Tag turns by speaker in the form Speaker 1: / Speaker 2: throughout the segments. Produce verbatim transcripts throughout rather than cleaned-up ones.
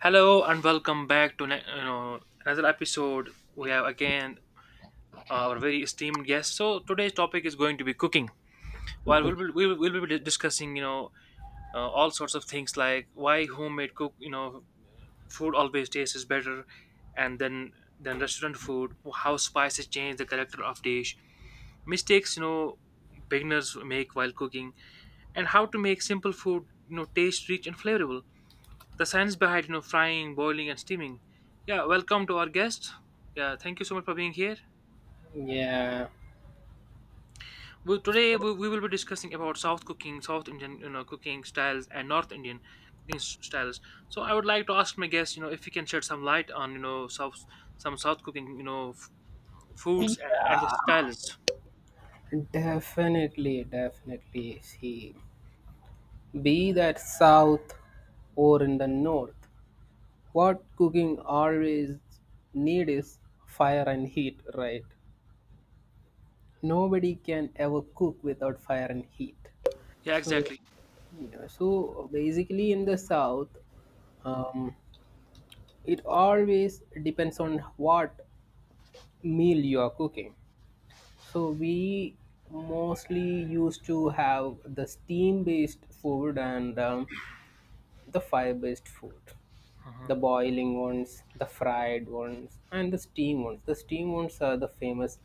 Speaker 1: Hello and welcome back to ne- you know, another episode. We have again our very esteemed guest. So today's topic is going to be cooking. While we'll be, we will we'll be discussing, you know, uh, all sorts of things like why homemade cook, you know, food always tastes better, and then than restaurant food. How spices change the character of dish. Mistakes, you know, beginners make while cooking, and how to make simple food, you know, taste rich and flavorful. The science behind, you know, frying, boiling and steaming. Yeah, welcome to our guest. Yeah, thank you so much for being here.
Speaker 2: Yeah,
Speaker 1: we, today
Speaker 2: so
Speaker 1: we, we will be discussing about south cooking, south indian, you know, cooking styles and north indian cooking s- styles So I would like to ask my guest, you know, if he can shed some light on, you know, south some south cooking, you know, f- foods and, and the styles.
Speaker 2: definitely, definitely. See, be that south or in the north, what cooking always need is fire and heat, right? Nobody can ever cook without fire and heat.
Speaker 1: Yeah,
Speaker 2: So,
Speaker 1: exactly.
Speaker 2: yeah, so basically in the south, um, it always depends on what meal you are cooking. So we mostly used to have the steam-based food and um, the fire-based food,
Speaker 1: Uh-huh.
Speaker 2: the boiling ones, the fried ones, and the steam ones. The steam ones are the famous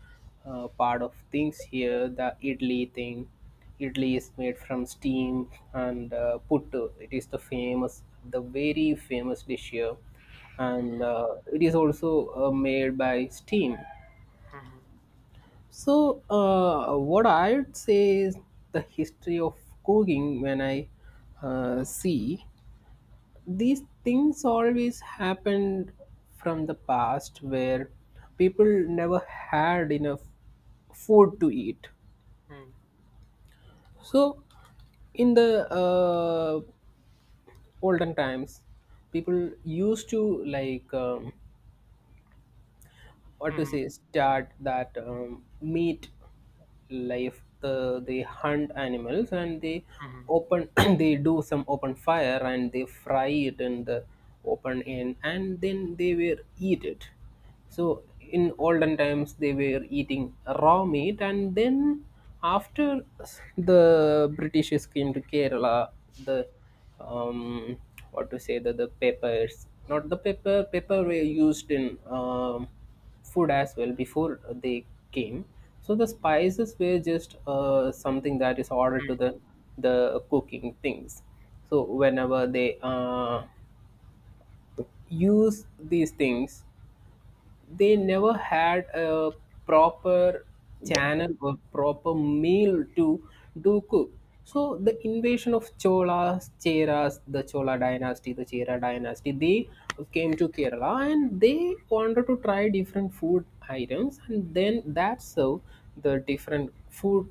Speaker 2: uh, part of things here. The idli thing, idli is made from steam and uh, puttu. It is the famous, the very famous dish here, and uh, it is also uh, made by steam. So, uh, what I'd say is the history of cooking when I uh, see these things always happened from the past where people never had enough food to eat.
Speaker 1: Mm.
Speaker 2: So, in the uh, olden times, people used to like um, what to
Speaker 1: Mhm.
Speaker 2: say start that um, meat life the they hunt animals and they
Speaker 1: Mhm.
Speaker 2: open they do some open fire and they fry it in the open end and then they will eat it. So in olden times they were eating raw meat, and then after the British came to Kerala, the um, what to say the, the peppers not the pepper pepper were used in um, food as well before they came. So the spices were just uh, something that is ordered to the the cooking things. So whenever they uh, use these things, they never had a proper channel or proper meal to do cook. So the invasion of Cholas, Cheras, the Chola dynasty, the Chera dynasty, they came to Kerala and they wanted to try different food items, and then that's how the different food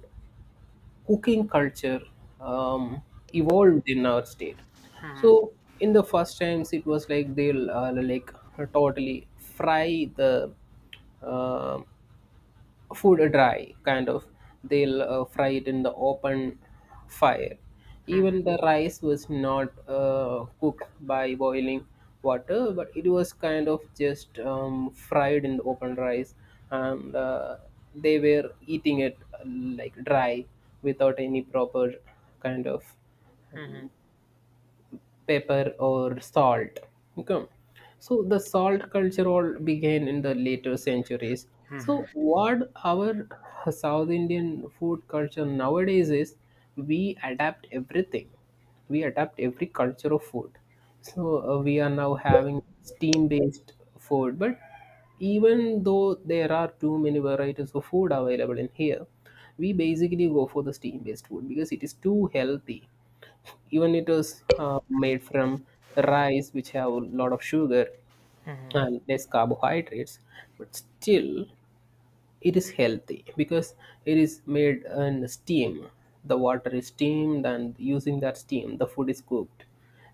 Speaker 2: cooking culture um, evolved in our state.
Speaker 1: Mhm.
Speaker 2: So in the first times, it was like they'll uh, like totally fry the uh, food, dry kind of. They'll uh, fry it in the open fire.
Speaker 1: Mhm.
Speaker 2: Even the rice was not uh, cooked by boiling water, but it was kind of just um, fried in the open rice, and uh, they were eating it uh, like dry, without any proper kind of
Speaker 1: Mhm.
Speaker 2: pepper or salt. Okay, so the salt culture all began in the later centuries. So
Speaker 1: Mhm.
Speaker 2: what our South Indian food culture nowadays is, we adapt everything. We adapt every culture of food. So uh, we are now having steam based food, but even though there are too many varieties of food available in here, we basically go for the steam based food because it is too healthy. Even it was uh, made from rice, which have a lot of sugar
Speaker 1: Mhm.
Speaker 2: and less carbohydrates, but still it is healthy because it is made in steam. The water is steamed, and using that steam, the food is cooked.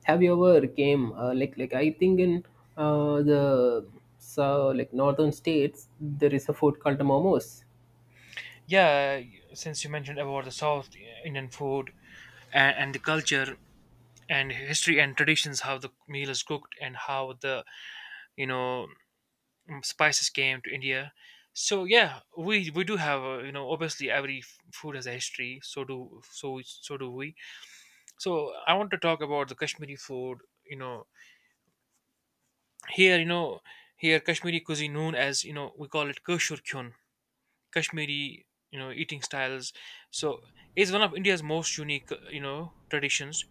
Speaker 2: Have you ever came uh, like like I think in uh, the so like northern states there is a food called momos.
Speaker 1: yeah y- since you mentioned about the south indian food and, and the culture and history and traditions, how the meal is cooked and how the, you know mm, spices came to India. So yeah, we we do have a, you know, obviously every f- food has a history, so do so so do we. So I want to talk about the kashmiri food. You know, here, you know, here kashmiri cuisine known as, you know, we call it kashur kyun, kashmiri, you know, eating styles. So it's one of india's most unique, you know, traditions.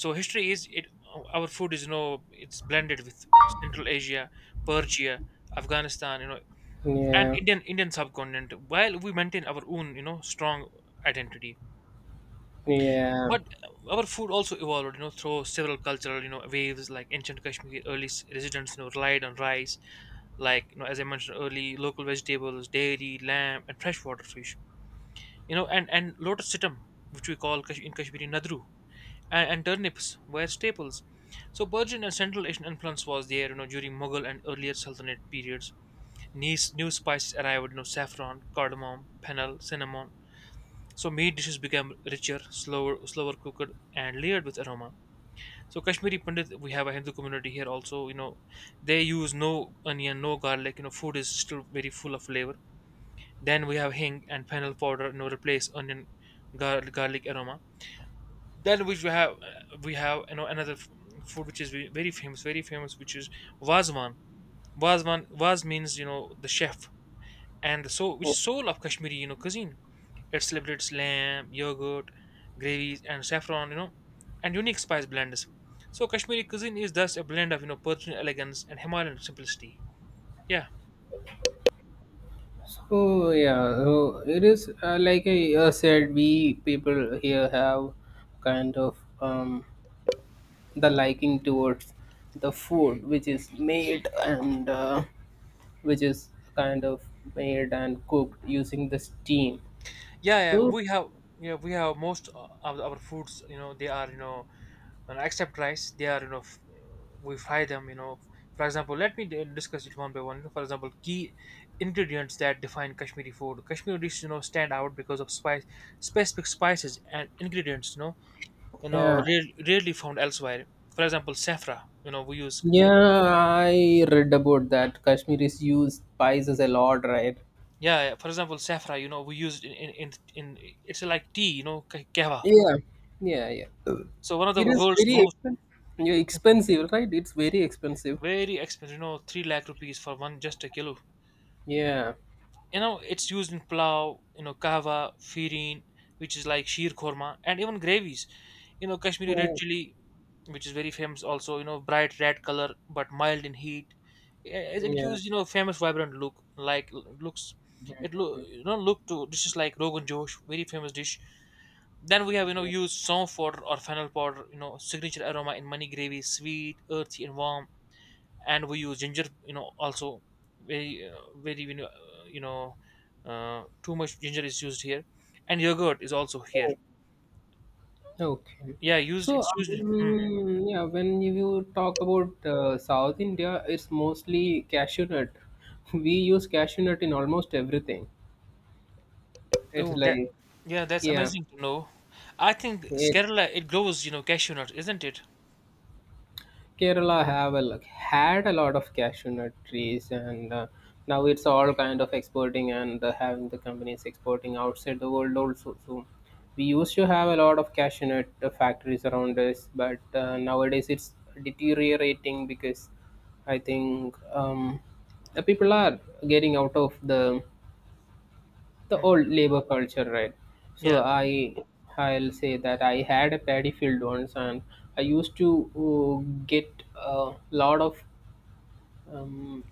Speaker 1: So history is it, our food is, you know, it's blended with central asia, persia, afghanistan, you know, and
Speaker 2: Yeah,
Speaker 1: indian indian subcontinent, while we maintain our own, you know, strong identity.
Speaker 2: yeah.
Speaker 1: But our food also evolved, you know, through several cultural, you know, waves like ancient Kashmiri early s- residents, you know, relied on rice, like, you know, as I mentioned, early local vegetables, dairy, lamb and freshwater fish, you know, and and lotus situm, which we call Kash- in kashmiri nadru, and, and turnips were staples. So Persian and Central Asian influence was there, you know, during Mughal and earlier Sultanate periods. New, new spices arrived, you know, saffron, cardamom, fennel, cinnamon. So meat dishes became richer, slower, slower cooked, and layered with aroma. So Kashmiri Pandit, we have a Hindu community here also. You know, they use no onion, no garlic. You know, food is still very full of flavor. Then we have hing and fennel powder. You know, replace onion, gar- garlic aroma. Then, which we have, uh, we have, you know, another f- food which is ve- very famous, very famous which is wazwan. Wazwan, waz means, you know, the chef and the soul, which is soul of kashmiri, you know, cuisine. It celebrates lamb, yogurt, gravies and saffron, you know, and unique spice blends. So kashmiri cuisine is thus a blend of, you know, persian elegance and himalayan simplicity. Yeah.
Speaker 2: So yeah, so it is uh, like I uh, said, we people here have kind of um, the liking towards the food which is made and uh, which is kind of made and cooked using the steam.
Speaker 1: Yeah, yeah,
Speaker 2: So
Speaker 1: we have. Yeah, we have most of our foods, you know, they are, you know, and except rice, they are, you know, f- we fry them, you know. For example, let me d- discuss it one by one. For example, key ingredients that define kashmiri food, kashmiri dishes, you know, stand out because of spice specific spices and ingredients, you know, you know,
Speaker 2: yeah,
Speaker 1: rare, rarely found elsewhere. For example, saffron, you know, we use in the,
Speaker 2: yeah, I read about that. Kashmiris use spices a lot, right?
Speaker 1: yeah, yeah, for example, saffron, you know, we use in in, in in, it's like tea, you know, ka- kahwa.
Speaker 2: Yeah, yeah, yeah.
Speaker 1: So one of the
Speaker 2: It is
Speaker 1: world's
Speaker 2: very
Speaker 1: most
Speaker 2: expensive. Yeah, expensive, right? It's very expensive.
Speaker 1: very expensive, you know, three lakh rupees for one, just a kilo.
Speaker 2: Yeah.
Speaker 1: You know, it's used in pulao, you know, kahwa, firin, which is like sheer korma, and even gravies, you know. Kashmiri red
Speaker 2: Oh.
Speaker 1: chili, which is very famous also, you know, bright red color but mild in heat. Eh, as it
Speaker 2: Yeah,
Speaker 1: gives, you know, famous vibrant look like looks it look you know look to dishes like rogan josh, very famous dish. Then we have, you know,
Speaker 2: yeah.
Speaker 1: used some powder or fennel powder, you know, signature aroma in many gravies, sweet, earthy and warm. And we use ginger, you know, also, very uh, very, you know, uh, you know uh, too much ginger is used here. And yogurt is also here.
Speaker 2: Oh, okay.
Speaker 1: Yeah, used,
Speaker 2: So,
Speaker 1: it's used. Hmm.
Speaker 2: um, yeah, when you talk about uh, South India, it's mostly cashew nut. We use cashew nut in almost everything. It's
Speaker 1: Oh, that.
Speaker 2: like,
Speaker 1: Yeah, that's
Speaker 2: yeah,
Speaker 1: amazing to know. I think s-
Speaker 2: yeah,
Speaker 1: kerala, it grows, you know, cashew nuts, isn't it?
Speaker 2: Kerala have a, lo- had a lot of cashew nut trees, and uh, now it's all kind of exporting and uh, having the companies exporting outside the world also. So we used to have a lot of cashew nut uh, factories around us, but uh, nowadays it's deteriorating because I think um, the people are getting out of the the
Speaker 1: Hmm.
Speaker 2: old labor culture, right? So
Speaker 1: Yeah.
Speaker 2: I I'll say that I had a paddy field once, and I used to uh, get a lot of um,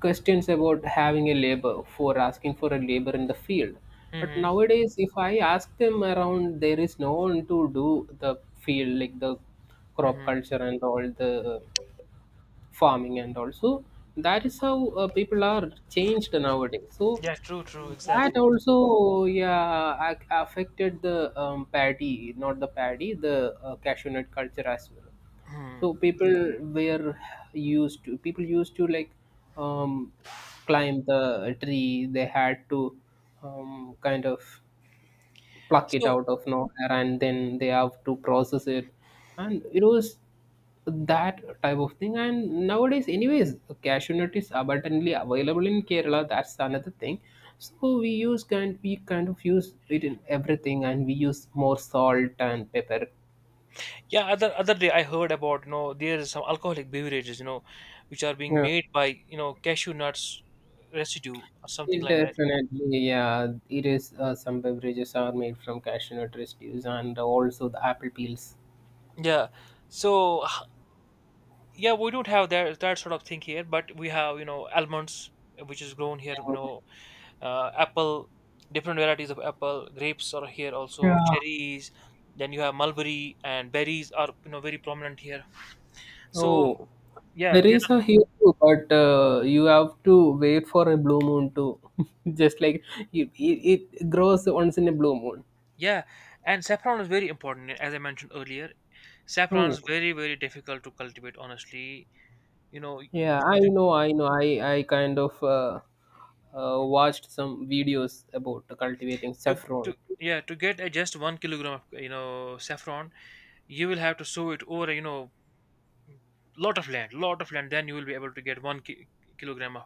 Speaker 2: questions about having a labor, for asking for a labor in the field. But
Speaker 1: Hmm.
Speaker 2: nowadays, if I ask them around, there is no one to do the field, like the crop
Speaker 1: Hmm.
Speaker 2: culture and all the farming, and also that is how uh, people are changed nowadays. So
Speaker 1: Yeah, true, true, exactly.
Speaker 2: that also, yeah, ac- affected the um, paddy, not the paddy, the uh, cashew nut culture as well.
Speaker 1: Hmm.
Speaker 2: So people were used to people used to like um, climb the tree. They had to um, kind of pluck it
Speaker 1: So
Speaker 2: out of nowhere, and then they have to process it, and it was that type of thing. And nowadays anyways cashew nut is abundantly available in Kerala, that's another thing. So we use kind we kind of use it in everything, and we use more salt and pepper.
Speaker 1: yeah, other, other day I heard about, you know, there is some alcoholic beverages, you know, which are being
Speaker 2: Yeah,
Speaker 1: made by, you know, cashew nuts residue or something
Speaker 2: it
Speaker 1: like that.
Speaker 2: definitely, yeah, it is uh, some beverages are made from cashew nut residues and also the apple peels.
Speaker 1: Yeah. So h- yeah, we don't have that that sort of thing here, but we have, you know, almonds, uh, which is grown here. You know, uh, apple, different varieties of apple, grapes are here also, cherries. Then you have mulberry and berries are, you know, very prominent here. So
Speaker 2: Oh,
Speaker 1: yeah,
Speaker 2: there
Speaker 1: there
Speaker 2: is
Speaker 1: are.
Speaker 2: a here too, but uh, you have to wait for a blue moon too. Just like it, it, it grows once in a blue moon.
Speaker 1: Yeah, and saffron is very important, eh, as I mentioned earlier. Saffron is
Speaker 2: Oh,
Speaker 1: very very difficult to cultivate. Honestly, you know,
Speaker 2: yeah,
Speaker 1: to,
Speaker 2: I
Speaker 1: to,
Speaker 2: know, I know. I, I kind of uh, uh, watched some videos about cultivating
Speaker 1: to, to
Speaker 2: saffron.
Speaker 1: yeah to get uh, just one kilogram of, you know, saffron. You will have to sow it over, eh, you know, lot of land lot of land, then you will be able to get one ki- kilogram of.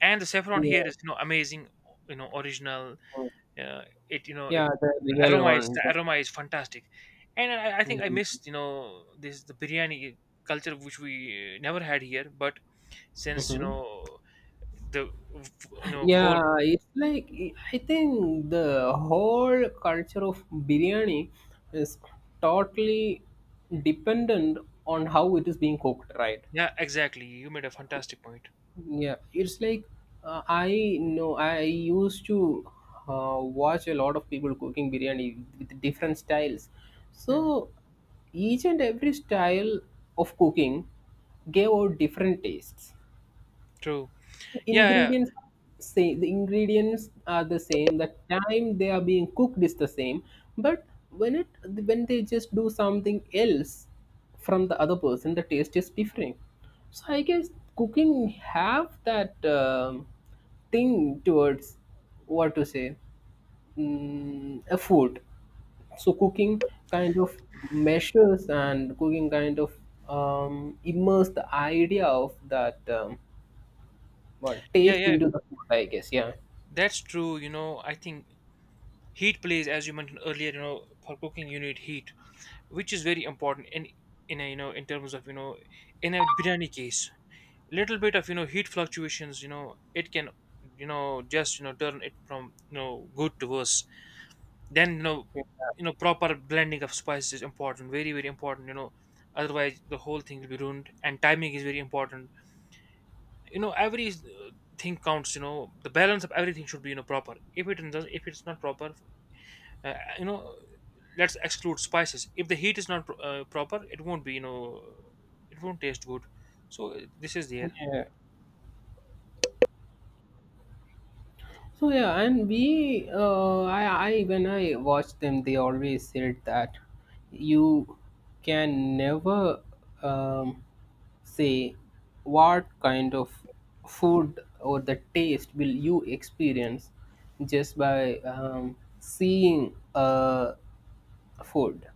Speaker 1: And the saffron here
Speaker 2: Yeah,
Speaker 1: is, you know, amazing, you know, original, uh, it you know it
Speaker 2: yeah, the real
Speaker 1: aroma is
Speaker 2: one.
Speaker 1: the aroma is fantastic. And I, I think I missed, you know, this, the biryani culture, which we uh, never had here, but since, you
Speaker 2: Mm-hmm.
Speaker 1: know, the, you know, whole.
Speaker 2: Yeah, it's like I think the whole culture of biryani is totally dependent on how it is being cooked, right?
Speaker 1: Yeah, exactly, you made a fantastic point.
Speaker 2: Yeah, it's like uh, I know I used to uh, watch a lot of people cooking biryani with different styles.
Speaker 1: Hmm.
Speaker 2: So each and every style of cooking gave out different tastes.
Speaker 1: True.
Speaker 2: The
Speaker 1: Yeah, yeah.
Speaker 2: ingredients Say the ingredients are the same, the time they are being cooked is the same, but when it when they just do something else from the other person, the taste is different. So I guess cooking have that um, thing towards what to say mm, a food. So cooking kind of measures, and cooking kind of um, immerse the idea of that. Um, what?
Speaker 1: Yeah,
Speaker 2: Taste
Speaker 1: yeah,
Speaker 2: into the food, I guess. Yeah.
Speaker 1: that's true. You know, I think heat plays, as you mentioned earlier, you know, for cooking you need heat, which is very important in in a, you know, in terms of, you know, in a biryani case, little bit of, you know, heat fluctuations, you know, it can, you know, just, you know, turn it from, you know, good to worse. Then, you know, you know, proper blending of spices is important, very very important, you know, otherwise the whole thing will be ruined. And timing is very important, you know. Every uh, thing counts, you know. The balance of everything should be, you know, proper. If it does, if it's not proper, uh, you know, let's exclude spices, if the heat is not pro- uh, proper, it won't be, you know, it won't taste good. So uh, this is there.
Speaker 2: Yeah. So yeah, and we, uh, I, I when I watched them, they always said that you can never um, say what kind of food or the taste will you experience just by um, seeing a food.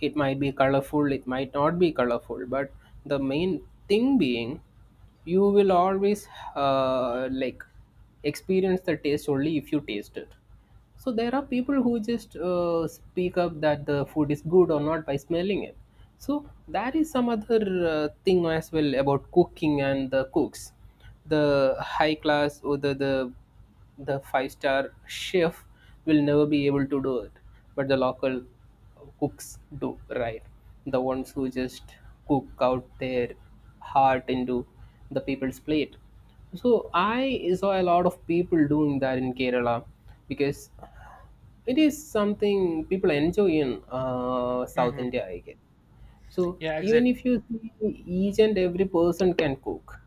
Speaker 2: It might be colorful, it might not be colorful, but the main thing being you will always uh, like experience the taste only if you taste it. So there are people who just uh, speak up that the food is good or not by smelling it. So that is some other uh, thing as well about cooking and the cooks. The high class, or the, the the five star chef will never be able to do it, but the local cooks do, right? The ones who just cook out their heart into the people's plate. So I saw a lot of people doing that in Kerala, because it is something people enjoy in uh, South
Speaker 1: Hmm.
Speaker 2: India, I guess. So
Speaker 1: Yeah,
Speaker 2: even
Speaker 1: exactly.
Speaker 2: if you see, each and every person can cook,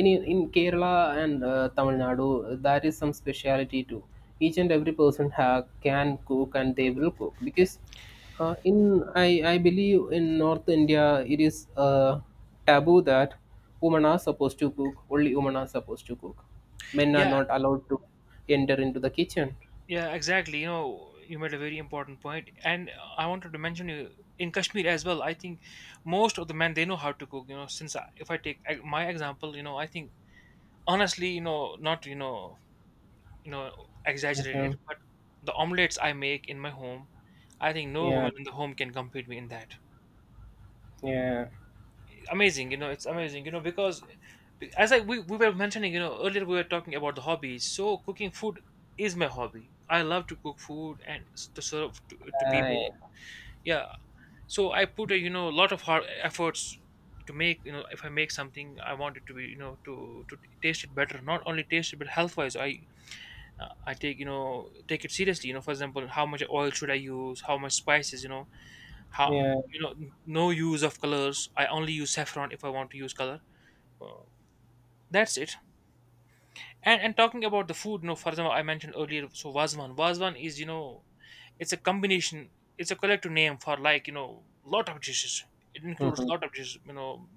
Speaker 2: in in Kerala and uh, Tamil Nadu. That is some speciality too. Each and every person ha- can cook, and they will cook. Because uh, in I, I believe in North India it is uh, taboo that women are supposed to cook only women are supposed to cook, men are
Speaker 1: Yeah,
Speaker 2: not allowed to enter into the kitchen.
Speaker 1: yeah, exactly. You know, you made a very important point. And i wanted to mention, you, in kashmir as well, I think most of the men, they know how to cook, you know. Since I, if i take uh, my example, you know, I think honestly, you know, not, you know, you know,
Speaker 2: Okay.
Speaker 1: exaggerated, but the omelets I make in my home, I think no
Speaker 2: Yeah,
Speaker 1: woman in the home can compete me in that.
Speaker 2: yeah.
Speaker 1: Amazing, you know, it's amazing, you know, because Be- As I we, we were mentioning, you know, earlier we were talking about the hobbies. So cooking food is my hobby. I love to cook food and s- to serve to, to people.
Speaker 2: Right.
Speaker 1: Yeah. So I put a, you know, a lot of hard efforts to make, you know, if I make something, I want it to be, you know, to to taste it better. Not only taste it but health wise. I uh, I take, you know, take it seriously. You know, for example, how much oil should I use? How much spices? You know how,
Speaker 2: Yeah.
Speaker 1: you know, n- no use of colors. I only use saffron if I want to use color. Uh, that's it. And and talking about the food, you know, for example, I mentioned earlier, so Vazwan. Vazwan is, you know, it's a combination, it's a collective name for, like, you know, lot of dishes, it includes
Speaker 2: Hmm.
Speaker 1: lot of dishes, you know,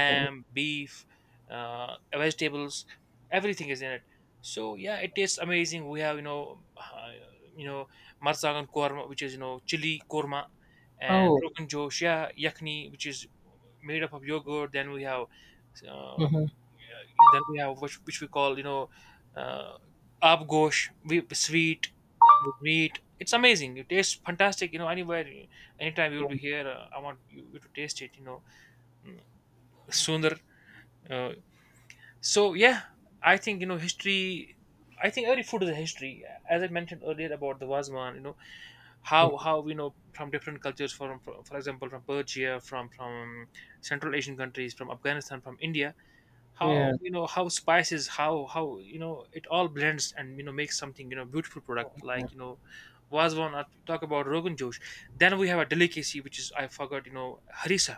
Speaker 2: Okay.
Speaker 1: beef, uh, vegetables, everything is in it. So yeah, it tastes amazing. We have, you know, uh, you know marsangan korma, which is, you know, chili korma, and
Speaker 2: Oh.
Speaker 1: rogan josh, yeah, yakni, which is made up of yogurt. Then we have, uh,
Speaker 2: Hmm.
Speaker 1: then we have, which, which we call, you know, uh, abgosh, we sweet with meat. It's amazing. It tastes fantastic. You know, anywhere, anytime you'll be here, uh, I want you, you to taste it. You know, mm, sooner. Uh, so yeah, I think, you know, history. I think every food is a history, as I mentioned earlier about the Wazman. You know, how how you know from different cultures, from for, for example, from Persia, from from Central Asian countries, from Afghanistan, from India, how
Speaker 2: Yeah.
Speaker 1: you know how spices how how you know it all blends and you know makes something, you know beautiful product like you know was one. I talk about rogan josh. Then we have a delicacy which is, I forgot, you know harissa.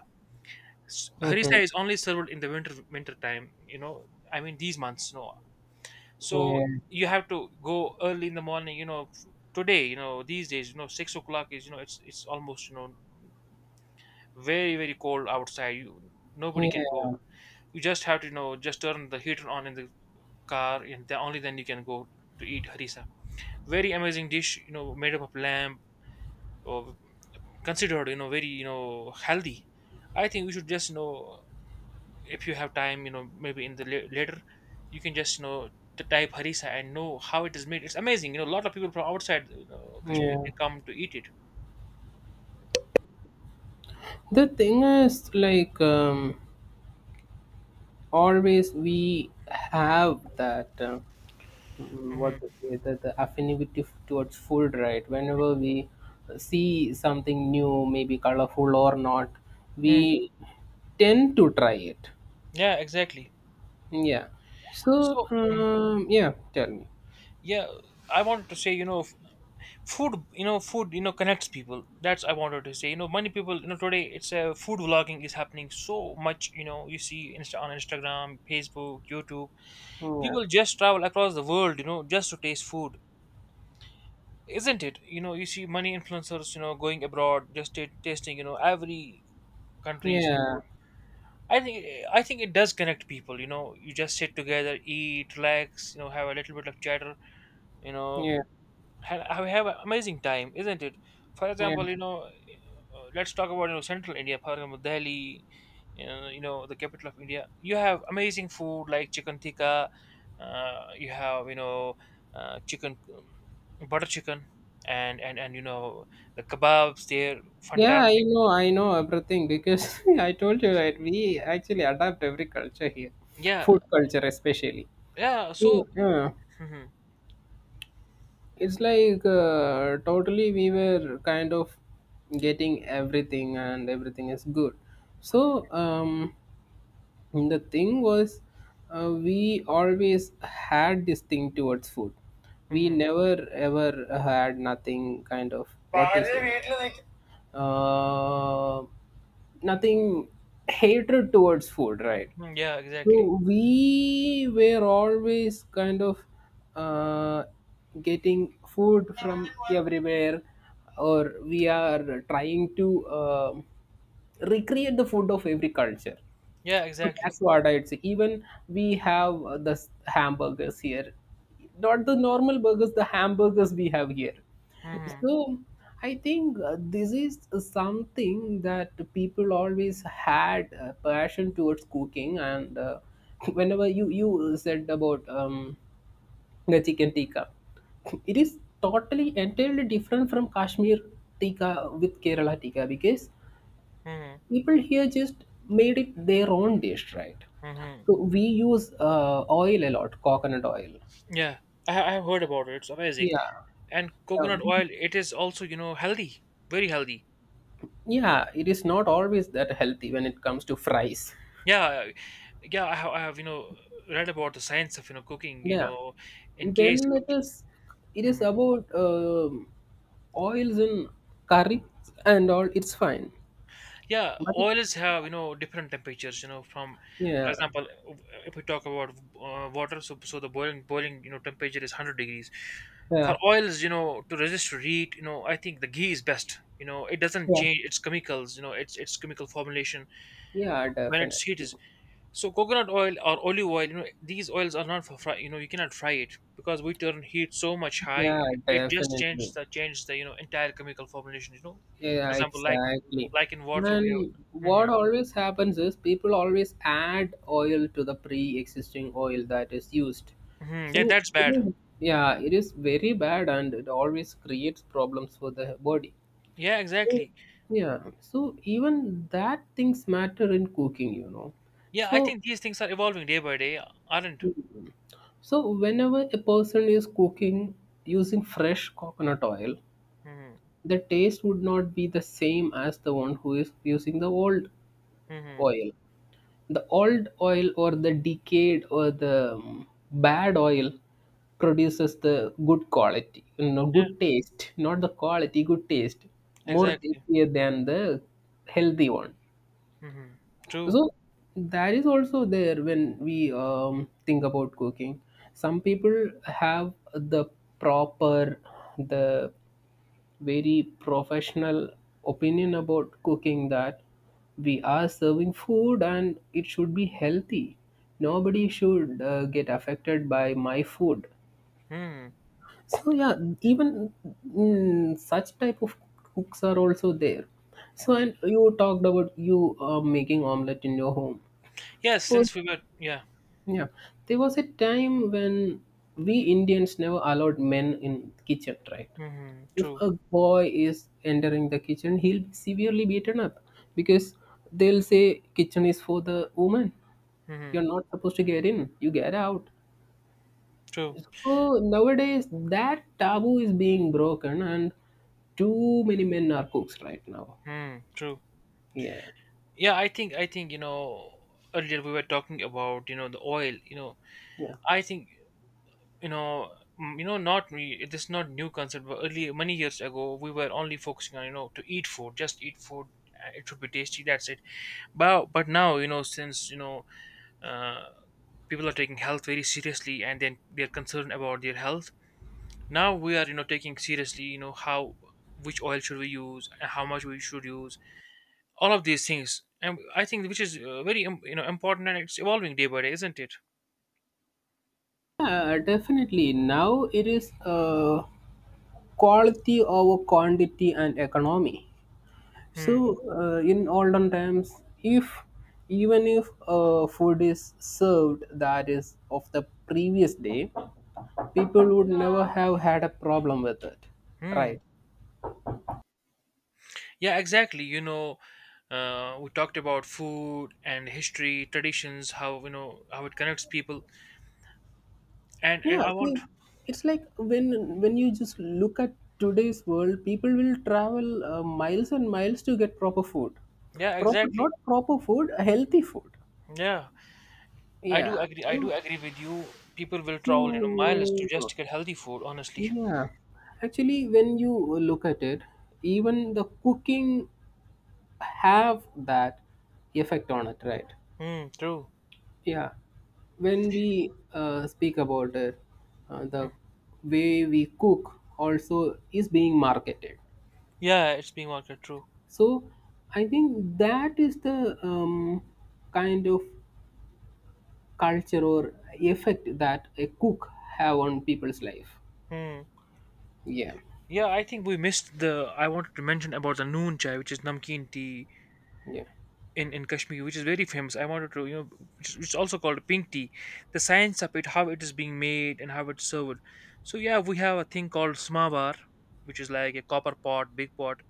Speaker 1: S- Harissa
Speaker 2: Mhm.
Speaker 1: is only served in the winter winter time, you know I mean these months, you know so
Speaker 2: Yeah.
Speaker 1: you have to go early in the morning. You know f- today, you know these days, you know six o'clock is, you know it's it's almost, you know very very cold outside. You Nobody can
Speaker 2: Yeah.
Speaker 1: go. You just have to, you know just turn the heater on in the car, and the, only then you can go to eat harissa. Very amazing dish, you know, made up of lamb, or considered, you know, very you know healthy. I think we should just, you know, if you have time, you know, maybe in the la- later, you can just you know to type harissa and know how it is made. It's amazing, you know. A lot of people from outside, you know, Kashmir,
Speaker 2: Yeah.
Speaker 1: they come to eat it.
Speaker 2: The thing is, like, um, always we have that, uh, mm,
Speaker 1: Hmm.
Speaker 2: what to say, the, the affinity f- towards food, right? Whenever we see something new, maybe colorful or not,
Speaker 1: Hmm.
Speaker 2: we tend to try it.
Speaker 1: Yeah, exactly.
Speaker 2: Yeah. So,
Speaker 1: So mm,
Speaker 2: um, yeah, tell me.
Speaker 1: yeah, I wanted to say, you know, food, you know food you know connects people. That's I wanted to say, you know many people, you know today, it's a food vlogging is happening so much, you know you see Insta- on Instagram, Facebook, YouTube,
Speaker 2: Yeah.
Speaker 1: people just travel across the world, you know just to taste food, isn't it? You know you see many influencers, you know going abroad just t- tasting, you know every country's
Speaker 2: Yeah.
Speaker 1: food. I think I think it does connect people. You know you just sit together, eat, relax, you know have a little bit of chatter, you know
Speaker 2: Yeah.
Speaker 1: have, have an amazing time, isn't it? For
Speaker 2: Yeah.
Speaker 1: example, you know uh, let's talk about, you know central India, for example, Delhi, uh, you know the capital of India. You have amazing food like chicken tikka. Uh, you have, you know uh, chicken, um, butter chicken, and and and you know the kebabs. They're
Speaker 2: Yeah, I
Speaker 1: fantastic.
Speaker 2: know, I know everything because I told you right. We actually adapt every culture here,
Speaker 1: Yeah,
Speaker 2: food culture especially.
Speaker 1: yeah. So.
Speaker 2: Mm, yeah,
Speaker 1: Hmm.
Speaker 2: it's like uh, totally we were kind of getting everything, and everything is good. So um, the thing was, uh, we always had this thing towards food. We
Speaker 1: Hmm.
Speaker 2: never ever had nothing, kind of what is it? uh, Nothing hatred towards food, right?
Speaker 1: Yeah, exactly.
Speaker 2: So we were always kind of uh, getting food from everywhere, or we are trying to um recreate the food of every culture.
Speaker 1: Yeah,
Speaker 2: So that's
Speaker 1: exactly.
Speaker 2: what I'd say. Even we have uh, the s- hamburgers here, not the normal burgers, the hamburgers we have here.
Speaker 1: Hmm.
Speaker 2: So I think uh, this is something that people always had a passion towards cooking. And uh, whenever you you said about um, the chicken tikka, it is totally entirely different from Kashmir tikka with Kerala tikka because
Speaker 1: Hmm.
Speaker 2: people here just made it their own dish, right?
Speaker 1: Hmm.
Speaker 2: So we use uh, oil a lot, coconut oil.
Speaker 1: Yeah, I I have heard about it. It's amazing.
Speaker 2: Yeah,
Speaker 1: And
Speaker 2: Uh,
Speaker 1: coconut
Speaker 2: we,
Speaker 1: oil, it is also, you know healthy, very healthy.
Speaker 2: yeah. It is not always that healthy when it comes to fries.
Speaker 1: Yeah, yeah, I have, I have, you know, read about the science of, you know, cooking, you
Speaker 2: Yeah,
Speaker 1: know, in case
Speaker 2: when
Speaker 1: of,
Speaker 2: it is, it is
Speaker 1: mhm,
Speaker 2: about um oils in curry and all. It's fine,
Speaker 1: yeah,
Speaker 2: but it,
Speaker 1: oils have, you know, different temperatures, you know, from, for
Speaker 2: yeah,
Speaker 1: example, if we talk about uh, water. So, so the boiling, boiling, you know, temperature is one hundred degrees. For
Speaker 2: yeah,
Speaker 1: oils, you know, to resist to heat, you know, I think the ghee is best. You know, it doesn't
Speaker 2: yeah,
Speaker 1: change its chemicals, you know, its its chemical formulation
Speaker 2: yeah,
Speaker 1: when
Speaker 2: definitely,
Speaker 1: its heat is. So coconut oil or olive oil, you know, these oils are not for fry. You know, you cannot fry it because we turn heat so much high.
Speaker 2: yeah,
Speaker 1: It just changes
Speaker 2: definitely.
Speaker 1: the changes the you know entire chemical formulation. You know, for
Speaker 2: Yeah,
Speaker 1: example, like
Speaker 2: exactly.
Speaker 1: like in water we have.
Speaker 2: And what
Speaker 1: Hmm.
Speaker 2: always happens is people always add oil to the pre-existing oil that is used.
Speaker 1: Hmm. Yeah,
Speaker 2: So,
Speaker 1: that's
Speaker 2: you
Speaker 1: bad.
Speaker 2: know, yeah, it is very bad and it always creates problems for the body.
Speaker 1: Yeah,
Speaker 2: So,
Speaker 1: exactly.
Speaker 2: yeah, so even that things matter in cooking, you know.
Speaker 1: Yeah, I
Speaker 2: So,
Speaker 1: think these things are evolving day by day, aren't?
Speaker 2: so whenever a person is cooking using fresh coconut oil,
Speaker 1: Hmm.
Speaker 2: the taste would not be the same as the one who is using the old
Speaker 1: Hmm.
Speaker 2: oil. The old oil or the decayed or the um, bad oil produces the good quality, you know,
Speaker 1: Yeah,
Speaker 2: good taste, not the quality, good taste, more
Speaker 1: exactly.
Speaker 2: tastier than the healthy one.
Speaker 1: Hmm. True.
Speaker 2: So that is also there when we um, think about cooking. Some people have the proper, the very professional opinion about cooking that we are serving food and it should be healthy. Nobody should uh, get affected by my food.
Speaker 1: Hmm.
Speaker 2: So yeah, even mm, such type of cooks are also there. So and you talked about you uh, making omelette in your home.
Speaker 1: Yes,
Speaker 2: So
Speaker 1: since we were, yeah.
Speaker 2: yeah, there was a time when we Indians never allowed men in kitchen, right?
Speaker 1: Hmm.
Speaker 2: If
Speaker 1: True.
Speaker 2: a boy is entering the kitchen, he'll be severely beaten up because they'll say kitchen is for the woman.
Speaker 1: Hmm.
Speaker 2: You're not supposed to get in. You get out.
Speaker 1: True.
Speaker 2: So nowadays that taboo is being broken, and too many men are cooks right now.
Speaker 1: Hmm. True.
Speaker 2: Yeah,
Speaker 1: Yeah, I think I think you know earlier we were talking about, you know the oil. You know,
Speaker 2: yeah.
Speaker 1: I think, you know mm, you know not me, this is not new concept. But earlier many years ago, we were only focusing on, you know to eat food, just eat food. uh, It should be tasty. That's it. But but now, you know since you know uh, people are taking health very seriously, and then they're concerned about their health. Now we are, you know taking seriously, you know how which oil should we use and how much we should use, all of these things. And I think which is uh, very im- you know important, and it's evolving day by day, isn't it?
Speaker 2: Yeah, definitely. Now it is uh, quality over quantity and economy. So,
Speaker 1: Hmm.
Speaker 2: uh, in olden times, if even if uh, food is served that is of the previous day, people would never have had a problem with it,
Speaker 1: Hmm.
Speaker 2: right?
Speaker 1: Yeah, exactly. You know uh, we talked about food and history, traditions, how, you know how it connects people. and
Speaker 2: Yeah,
Speaker 1: and I
Speaker 2: see,
Speaker 1: want.
Speaker 2: it's like when when you just look at today's world, people will travel uh, miles and miles to get proper food,
Speaker 1: Yeah,
Speaker 2: proper,
Speaker 1: exactly.
Speaker 2: not proper food, healthy food.
Speaker 1: Yeah, i do
Speaker 2: Yeah.
Speaker 1: agree i do
Speaker 2: So,
Speaker 1: agree with you. People will travel, you know miles, to
Speaker 2: so
Speaker 1: just get healthy food, honestly.
Speaker 2: yeah, actually, when you look at it, even the cooking have that effect on it, right?
Speaker 1: Hmm. True.
Speaker 2: Yeah, when we uh, speak about it, uh, the way we cook also is being marketed.
Speaker 1: Yeah, it's being marketed. True.
Speaker 2: So I think that is the um, kind of culture or effect that a cook have on people's life.
Speaker 1: Hmm.
Speaker 2: Yeah,
Speaker 1: Yeah, I think we missed the, I wanted to mention about the noon chai, which is namkeen tea
Speaker 2: yeah.
Speaker 1: in in Kashmir, which is very famous. I wanted to, you know, which is, which is also called pink tea. The science of it, how it is being made, and how it's served. So yeah, we have a thing called smavar, which is like a copper pot, big pot,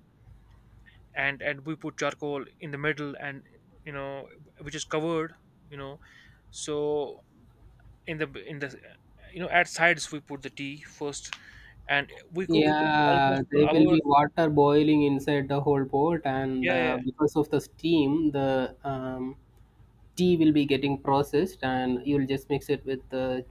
Speaker 1: and and we put charcoal in the middle, and you know, which is covered, you know. So in the in the you know at sides we put the tea first, and we cook it
Speaker 2: Yeah,
Speaker 1: almost for
Speaker 2: there will
Speaker 1: hours.
Speaker 2: be water boiling inside the whole pot, and
Speaker 1: Yeah, yeah,
Speaker 2: uh,
Speaker 1: yeah.
Speaker 2: because of the steam, the um, tea will be getting processed, and you'll just mix it with the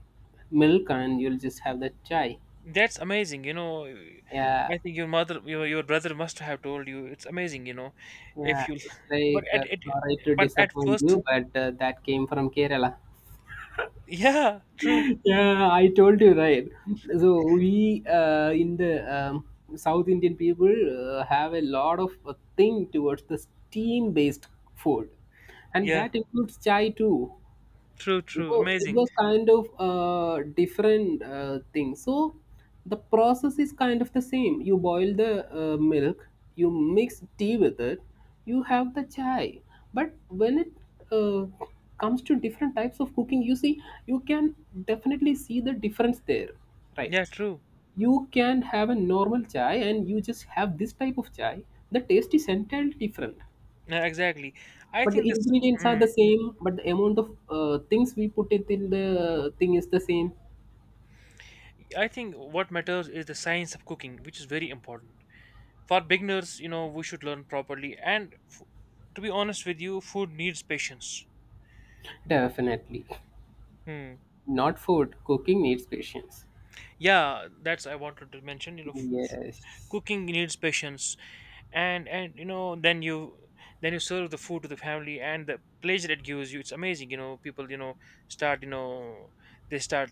Speaker 2: milk, and you'll just have the chai.
Speaker 1: That's amazing, you know.
Speaker 2: Yeah,
Speaker 1: I think your mother, your your brother must have told you. It's amazing, you know,
Speaker 2: yeah.
Speaker 1: if you.
Speaker 2: It's
Speaker 1: But
Speaker 2: like
Speaker 1: at
Speaker 2: uh,
Speaker 1: it,
Speaker 2: sorry to
Speaker 1: but at
Speaker 2: disappoint
Speaker 1: first,
Speaker 2: you, but uh, that came from Kerala.
Speaker 1: yeah, true,
Speaker 2: Yeah, I told you right. So we uh, in the um, South Indian people uh, have a lot of uh, thing towards the steam based food, and
Speaker 1: yeah,
Speaker 2: that includes chai too.
Speaker 1: true, true,
Speaker 2: So it
Speaker 1: amazing,
Speaker 2: was kind of uh, different uh, thing. So the process is kind of the same. You boil the uh, milk, you mix tea with it, you have the chai. But when it uh, comes to different types of cooking, you see, you can definitely see the difference there, right?
Speaker 1: yeah, true,
Speaker 2: You can have a normal chai and you just have this type of chai. The taste is entirely different,
Speaker 1: yeah, exactly. I
Speaker 2: but the
Speaker 1: think this.
Speaker 2: ingredients are
Speaker 1: Mm,
Speaker 2: the same, but the amount of uh, things we put it in the thing is the same.
Speaker 1: I think what matters is the science of cooking, which is very important for beginners. You know, we should learn properly, and f- to be honest with you, food needs patience.
Speaker 2: Definitely.
Speaker 1: Hmm.
Speaker 2: Not food. Cooking needs patience.
Speaker 1: Yeah, that's I wanted to mention. You know, f- f-
Speaker 2: Yes.
Speaker 1: cooking needs patience. And and you know then you, then you serve the food to the family, and the pleasure it gives you, it's amazing. You know people, you know start, you know they start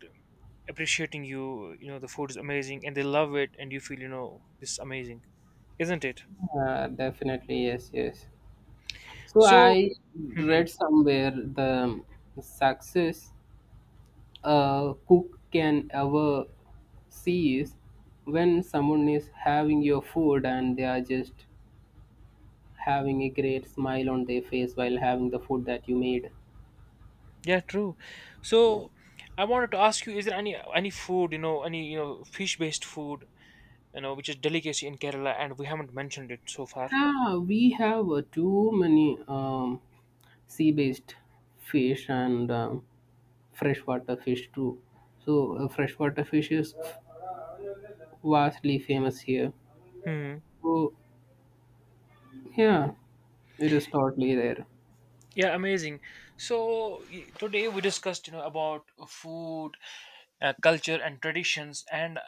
Speaker 1: appreciating you, you know the food is amazing, and they love it, and you feel, you know this is amazing, isn't it?
Speaker 2: Uh, definitely. Yes. Yes. So
Speaker 1: So
Speaker 2: I
Speaker 1: mhm.
Speaker 2: read somewhere the success a cook can ever see is when someone is having your food and they are just having a great smile on their face while having the food that you made.
Speaker 1: Yeah, true.
Speaker 2: Yeah.
Speaker 1: So I wanted to ask you, is there any any food, you know any, you know fish based food, you know which is delicacy in Kerala, and we haven't mentioned it so far.
Speaker 2: Yeah, we have uh, too many um, sea-based fish and um, freshwater fish too. So uh, freshwater fish is vastly famous here. So yeah, it is totally there.
Speaker 1: Yeah, amazing. So y- today we discussed, you know, about uh, food, uh, culture, and traditions, and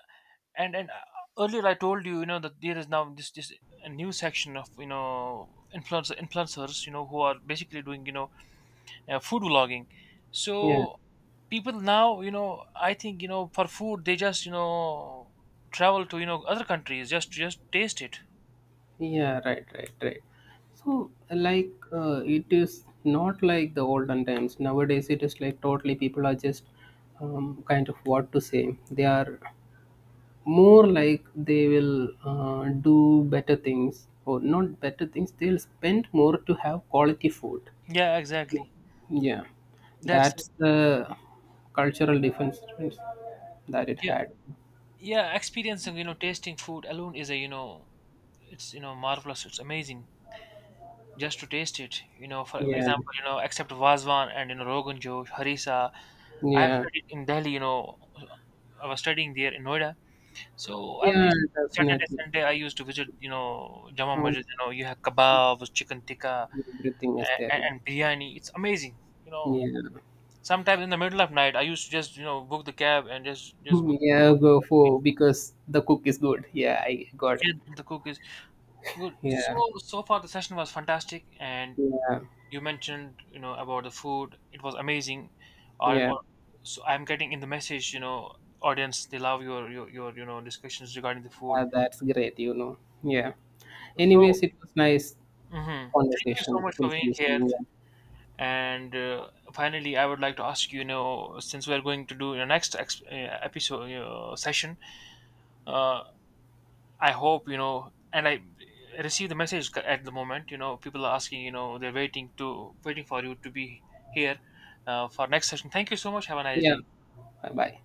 Speaker 1: and and uh, earlier I told you, you know, that there is now this this a new section of, you know influencer influencers, you know, who are basically doing, you know uh, food vlogging.
Speaker 2: Yeah,
Speaker 1: So people now, you know, I think, you know for food, they just, you know travel to, you know other countries, just just taste it.
Speaker 2: yeah, right, right, right. So like uh, it is not like the olden times. Nowadays it is like totally people are just um, kind of what to say. They are more like they will uh, do better things, or not better things, they'll spend more to have quality food.
Speaker 1: Yeah, exactly.
Speaker 2: Yeah,
Speaker 1: That's
Speaker 2: that's the cultural difference that it
Speaker 1: yeah.
Speaker 2: had.
Speaker 1: Yeah, experiencing, you know tasting food alone is a, you know it's, you know marvelous, it's amazing, just to taste it. You know for
Speaker 2: Yeah,
Speaker 1: example, you know except vazwan and, you know rogan josh, harissa, I have
Speaker 2: yeah,
Speaker 1: studied in Delhi. you know I was studying there in Noida. So every
Speaker 2: yeah,
Speaker 1: Saturday,
Speaker 2: definitely.
Speaker 1: Sunday, I used to visit, you know Jama
Speaker 2: Oh,
Speaker 1: Masjid. You know you have kebabs, chicken tikka,
Speaker 2: everything is there.
Speaker 1: and, and biryani. It's amazing, you know
Speaker 2: Yeah,
Speaker 1: sometimes in the middle of night I used to just, you know book the cab and just just go
Speaker 2: yeah, go
Speaker 1: eat.
Speaker 2: for, because the cook is good, yeah, I got it.
Speaker 1: Get the cookies. Good. So
Speaker 2: Yeah,
Speaker 1: so far the session was fantastic, and
Speaker 2: yeah,
Speaker 1: you mentioned, you know about the food. It was amazing. Or,
Speaker 2: yeah.
Speaker 1: or so I'm getting in the message. You know, audience, they love your your, your you know discussions regarding the food.
Speaker 2: Ah, that's great, you know. Yeah,
Speaker 1: So
Speaker 2: anyways, it was nice
Speaker 1: mhm, thank you so
Speaker 2: conversation,
Speaker 1: much for
Speaker 2: will see
Speaker 1: being
Speaker 2: you
Speaker 1: here.
Speaker 2: soon.
Speaker 1: And uh, finally, I would like to ask you. You know, since we are going to do your next ex- uh, episode, you session, uh, I hope, you know, and I received the message c- at the moment. You know, people are asking. You know, they're waiting to waiting for you to be here uh, for next session. Thank you so much. Have a nice
Speaker 2: Yeah.
Speaker 1: day.
Speaker 2: Bye bye.